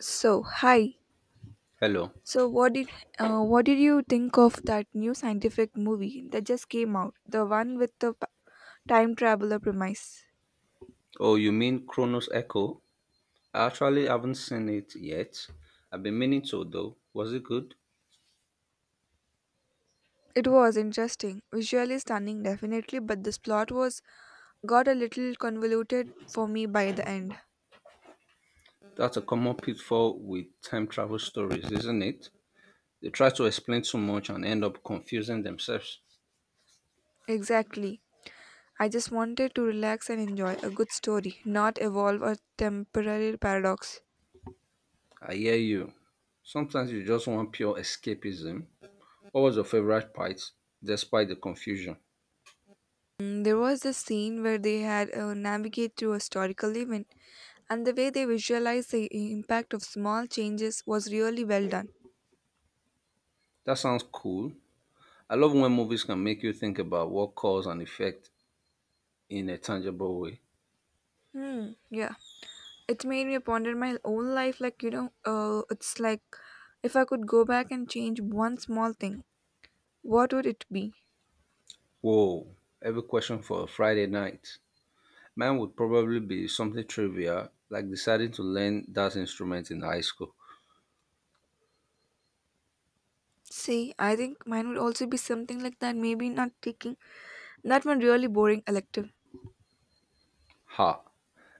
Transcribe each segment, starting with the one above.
So, hi. Hello. So, what did you think of that new scientific movie that just came out? The one with the time traveler premise. Oh, you mean Chronos Echo? I actually haven't seen it yet. I've been meaning to, though. Was it good? It was interesting, visually stunning, definitely, but this plot was got a little convoluted for me by the end. That's a common pitfall with time travel stories, isn't it? They try to explain too much and end up confusing themselves. Exactly. I just wanted to relax and enjoy a good story, not evolve a temporary paradox. I hear you. Sometimes you just want pure escapism. What was your favorite part, despite the confusion? There was a scene where they had navigate through a historical event, and the way they visualized the impact of small changes was really well done. That sounds cool. I love when movies can make you think about what cause and effect in a tangible way. Hmm. Yeah, it made me ponder my own life. It's like if I could go back and change one small thing, what would it be? Whoa, every question for a Friday night. Mine would probably be something trivial, like deciding to learn that instrument in high school. See, I think mine would also be something like that. Maybe not taking that one really boring elective. Ha,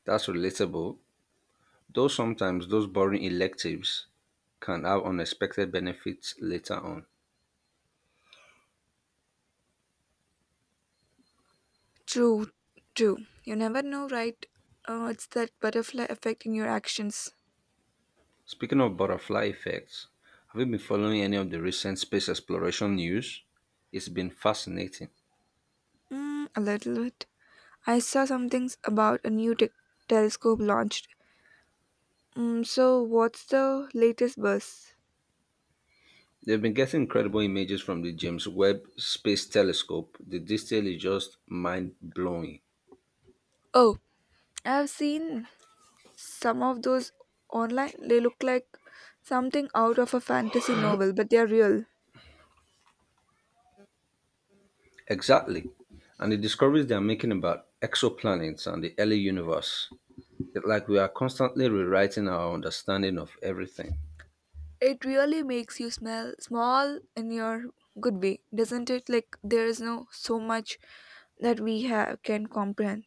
that's relatable. Though sometimes those boring electives can have unexpected benefits later on. True, true. You never know, right? It's that butterfly effect in your actions. Speaking of butterfly effects, have you been following any of the recent space exploration news? It's been fascinating. A little bit. I saw some things about a telescope launched. So, what's the latest buzz? They've been getting incredible images from the James Webb Space Telescope. The detail is just mind blowing. Oh, I've seen some of those online. They look like something out of a fantasy novel, but they're real. Exactly. And the discoveries they are making about exoplanets and the early universe. It's like we are constantly rewriting our understanding of everything. It really makes you smell small in your good way, doesn't it? Like, there is no so much that we have can comprehend.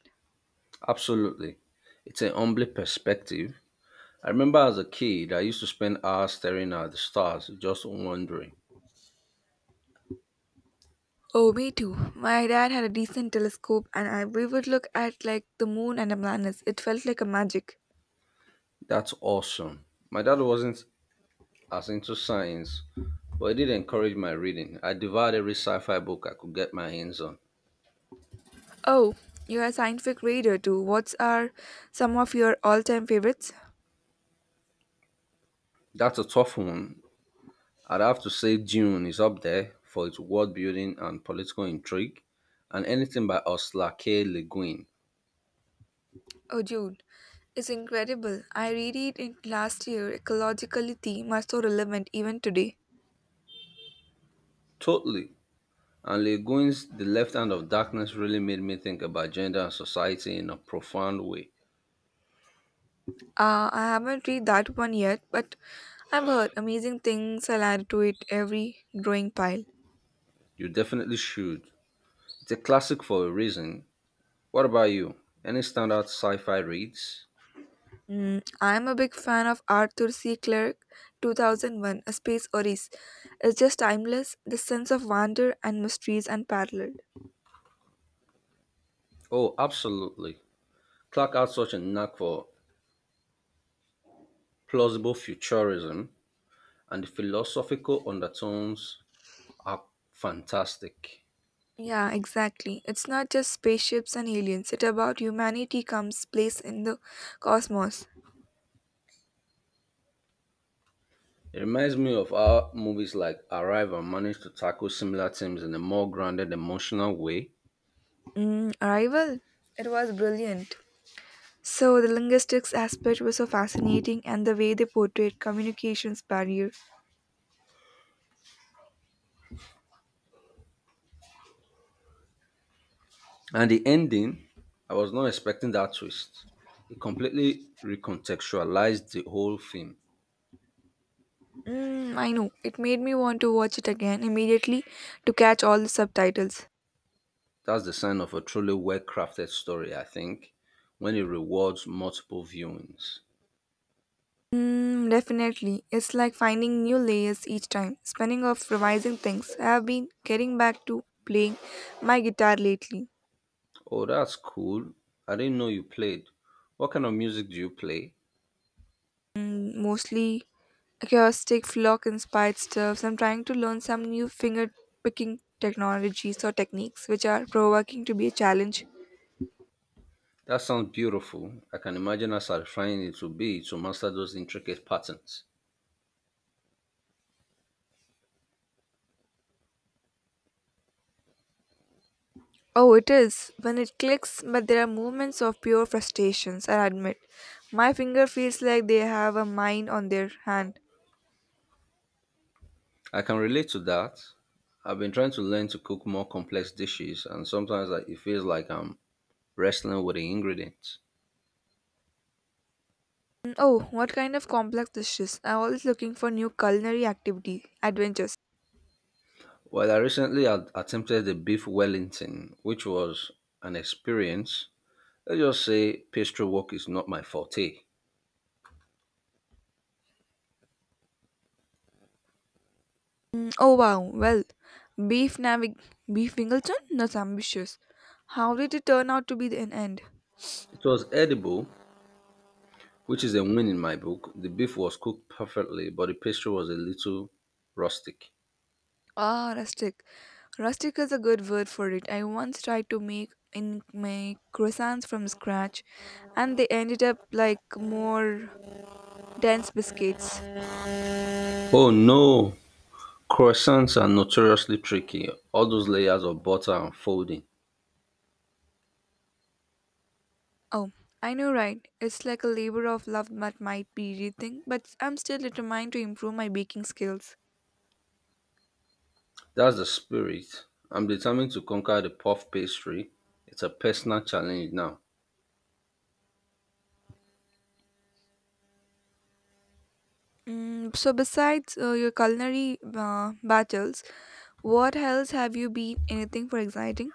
Absolutely. It's a humbling perspective. I remember as a kid, I used to spend hours staring at the stars, just wondering. Oh, me too. My dad had a decent telescope, and we would look at like the moon and the planets. It felt like a magic. That's awesome. My dad wasn't as into science, but he did encourage my reading. I devoured every sci fi book I could get my hands on. Oh, you're a scientific reader too. What's are some of your all-time favorites? That's a tough one. I'd have to say Dune is up there for its world building and political intrigue, and anything by Ursula K. Le Guin. Oh, June, it's incredible. I read it in last year. Ecological theme are so relevant even today. Totally. And Le Guin's The Left Hand of Darkness really made me think about gender and society in a profound way. I haven't read that one yet, but I've heard amazing things. I'll add to it every drawing pile. You definitely should. It's a classic for a reason. What about you? Any standout sci fi reads? I'm a big fan of Arthur C. Clarke 2001 A Space Odyssey. It's just timeless, the sense of wonder and mystery is unparalleled. Oh, absolutely. Clark had such a knack for plausible futurism, and the philosophical undertones are fantastic. Yeah, exactly. It's not just spaceships and aliens, it's about humanity comes place in the cosmos. It reminds me of how movies like Arrival managed to tackle similar themes in a more grounded, emotional way. Arrival? It was brilliant. So, the linguistics aspect was so fascinating, and the way they portrayed communications barrier. And the ending, I was not expecting that twist. It completely recontextualized the whole film. I know, it made me want to watch it again immediately to catch all the subtitles. That's the sign of a truly well crafted story, I think, when it rewards multiple viewings. Definitely. It's like finding new layers each time. Spinning off revising things. I have been getting back to playing my guitar lately. Oh, that's cool. I didn't know you played. What kind of music do you play? Mostly acoustic flock inspired stuff. I'm trying to learn some new finger picking technologies or techniques which are provoking to be a challenge. That sounds beautiful. I can imagine how satisfying it would be to master those intricate patterns. Oh, it is. When it clicks, but there are moments of pure frustrations, I admit. My finger feels like they have a mine on their hand. I can relate to that. I've been trying to learn to cook more complex dishes, and sometimes it feels like I'm wrestling with the ingredients. Oh, what kind of complex dishes? I'm always looking for new culinary activity adventures. Well, I recently attempted the beef Wellington, which was an experience. Let's just say pastry work is not my forte. Oh wow, well, beef navig beef Wingleton? That's ambitious. How did it turn out to be in end? It was edible, which is a win in my book. The beef was cooked perfectly, but the pastry was a little rustic. Ah, rustic. Rustic is a good word for it. I once tried to make in my croissants from scratch, and they ended up like more dense biscuits. Oh no! Croissants are notoriously tricky. All those layers of butter and folding. Oh, I know, right? It's like a labor of love that might be rethink, but I'm still determined to improve my baking skills. That's the spirit. I'm determined to conquer the puff pastry. It's a personal challenge now. So besides your culinary battles, what else have you been anything for exciting?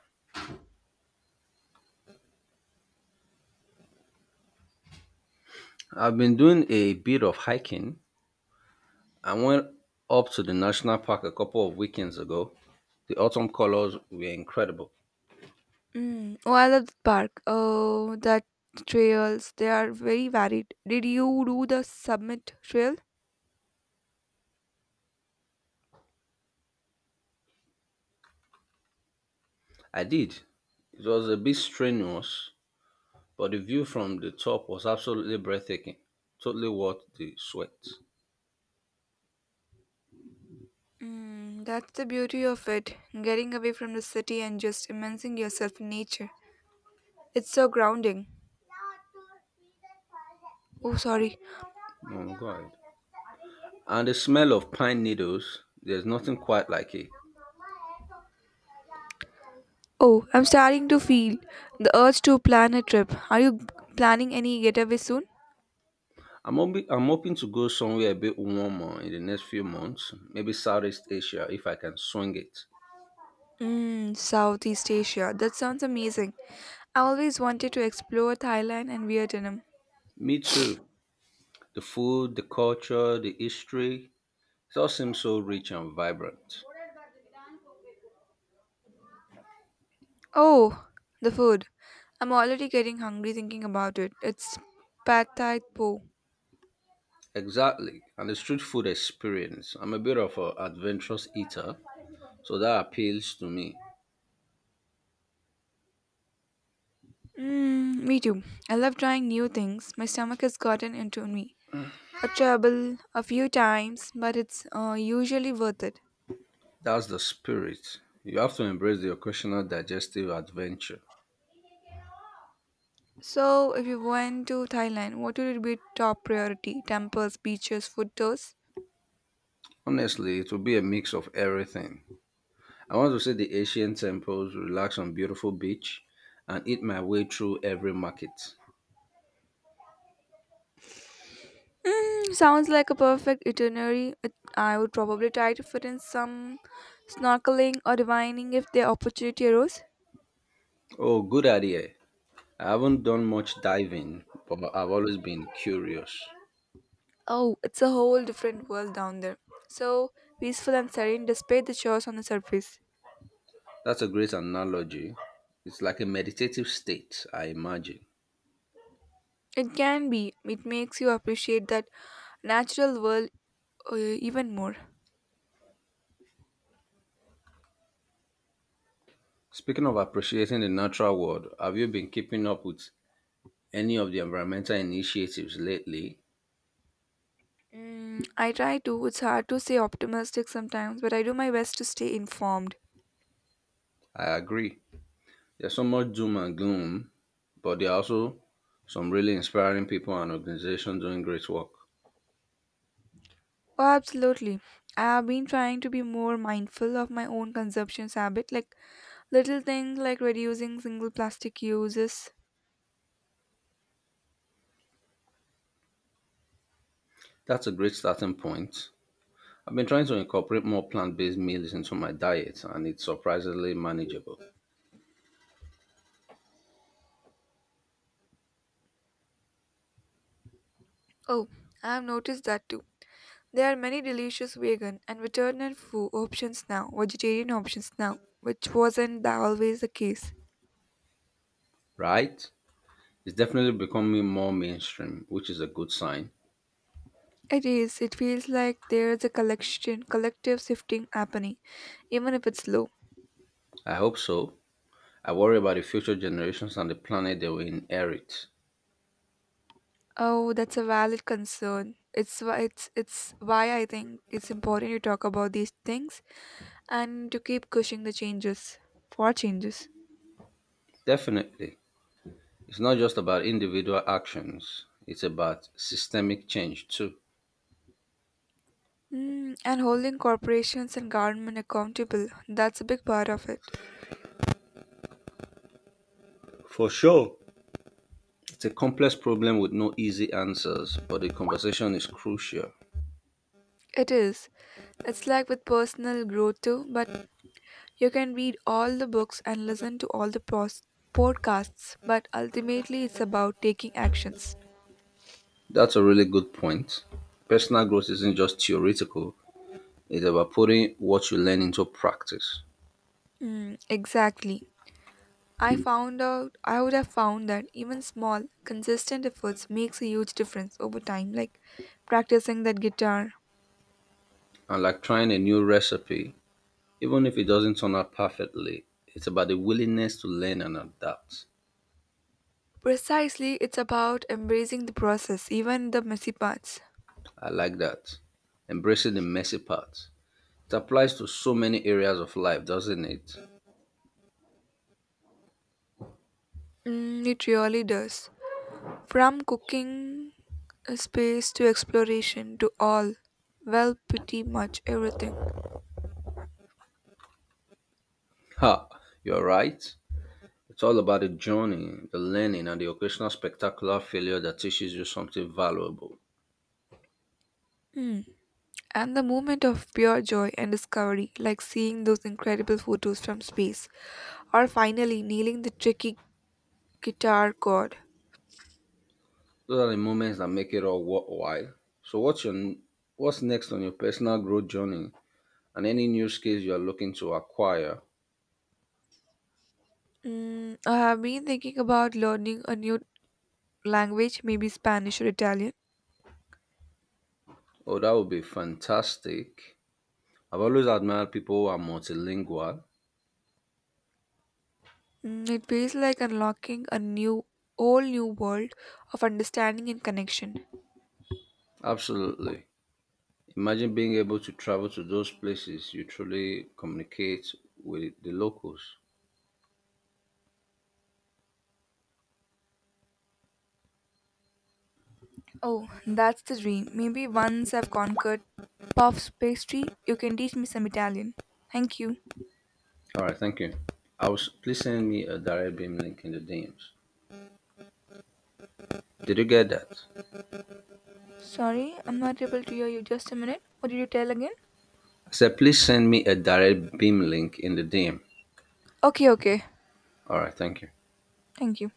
I've been doing a bit of hiking. I went up to the national park a couple of weekends ago. The autumn colors were incredible. Mm. Oh, I love the park. Oh, that trails, they are very varied. Did you do the summit trail? I did. It was a bit strenuous, but the view from the top was absolutely breathtaking. Totally worth the sweat. That's the beauty of it, getting away from the city and just immersing yourself in nature. It's so grounding. Oh, sorry. No, no, go ahead. And the smell of pine needles, there's nothing quite like it. Oh, I'm starting to feel the urge to plan a trip. Are you planning any getaway soon? I'm hoping to go somewhere a bit warmer in the next few months, maybe Southeast Asia if I can swing it. Mmm, Southeast Asia. That sounds amazing. I always wanted to explore Thailand and Vietnam. Me too. The food, the culture, the history, it all seems so rich and vibrant. Oh, the food. I'm already getting hungry thinking about it. It's pad thai po. Exactly. And the street food experience. I'm a bit of an adventurous eater, so that appeals to me. Mmm, me too. I love trying new things. My stomach has gotten into me. A trouble a few times, but it's usually worth it. That's the spirit. You have to embrace the occasional digestive adventure. So, if you went to Thailand, what would be top priority? Temples, beaches, food tours? Honestly, it will be a mix of everything. I want to see the ancient temples, relax on beautiful beach, and eat my way through every market. Hmm, sounds like a perfect itinerary. I would probably try to fit in some snorkeling or divining if the opportunity arose. Oh, good idea. I haven't done much diving, but I've always been curious. Oh, it's a whole different world down there. So peaceful and serene despite the chores on the surface. That's a great analogy. It's like a meditative state, I imagine. It can be. It makes you appreciate that natural world uh, even more. Speaking of appreciating the natural world, have you been keeping up with any of the environmental initiatives lately? I try to. It's hard to stay optimistic sometimes, but I do my best to stay informed. I agree. There's so much doom and gloom, but there are also some really inspiring people and organizations doing great work. Oh, absolutely. I've been trying to be more mindful of my own consumption habit, like little things like reducing single plastic uses. That's a great starting point. I've been trying to incorporate more plant based meals into my diet, and it's surprisingly manageable. Oh, I've noticed that too. There are many delicious vegan and veterinarian food options now, vegetarian options now, which wasn't always the case. Right? It's definitely becoming more mainstream, which is a good sign. It is. It feels like there's a collective shifting happening, even if it's slow. I hope so. I worry about the future generations and the planet they will inherit. Oh, that's a valid concern. It's why I think it's important to talk about these things and to keep pushing the changes for changes. Definitely. It's not just about individual actions, it's about systemic change too. And holding corporations and government accountable, that's a big part of it. For sure. It's a complex problem with no easy answers, but the conversation is crucial. It is. It's like with personal growth too, but you can read all the books and listen to all the podcasts, but ultimately it's about taking actions. That's a really good point. Personal growth isn't just theoretical, it's about putting what you learn into practice. Exactly. I would have found that even small, consistent efforts makes a huge difference over time, like practicing that guitar. And like trying a new recipe, even if it doesn't turn out perfectly, it's about the willingness to learn and adapt. Precisely, it's about embracing the process, even the messy parts. I like that. Embracing the messy part. It applies to so many areas of life, doesn't it? It really does. From cooking space to exploration to all, well, pretty much everything. Ha, you're right. It's all about the journey, the learning, and the occasional spectacular failure that teaches you something valuable. Mm. And the moment of pure joy and discovery, like seeing those incredible photos from space, or finally nailing the tricky guitar chord. Those are the moments that make it all worthwhile. So, what's next on your personal growth journey, and any new skills you are looking to acquire? I have been thinking about learning a new language, maybe Spanish or Italian. Oh, that would be fantastic! I've always admired people who are multilingual. It feels like unlocking whole new world of understanding and connection. Absolutely. Imagine being able to travel to those places you truly communicate with the locals. Oh, that's the dream. Maybe once I've conquered puffs pastry, you can teach me some Italian. Thank you. All right, thank you. I was please send me a direct beam link in the DMs. Did you get that? Sorry, I'm not able to hear you. Just a minute. What did you tell again? I said please send me a direct beam link in the DM. Okay, okay. All right, thank you. Thank you.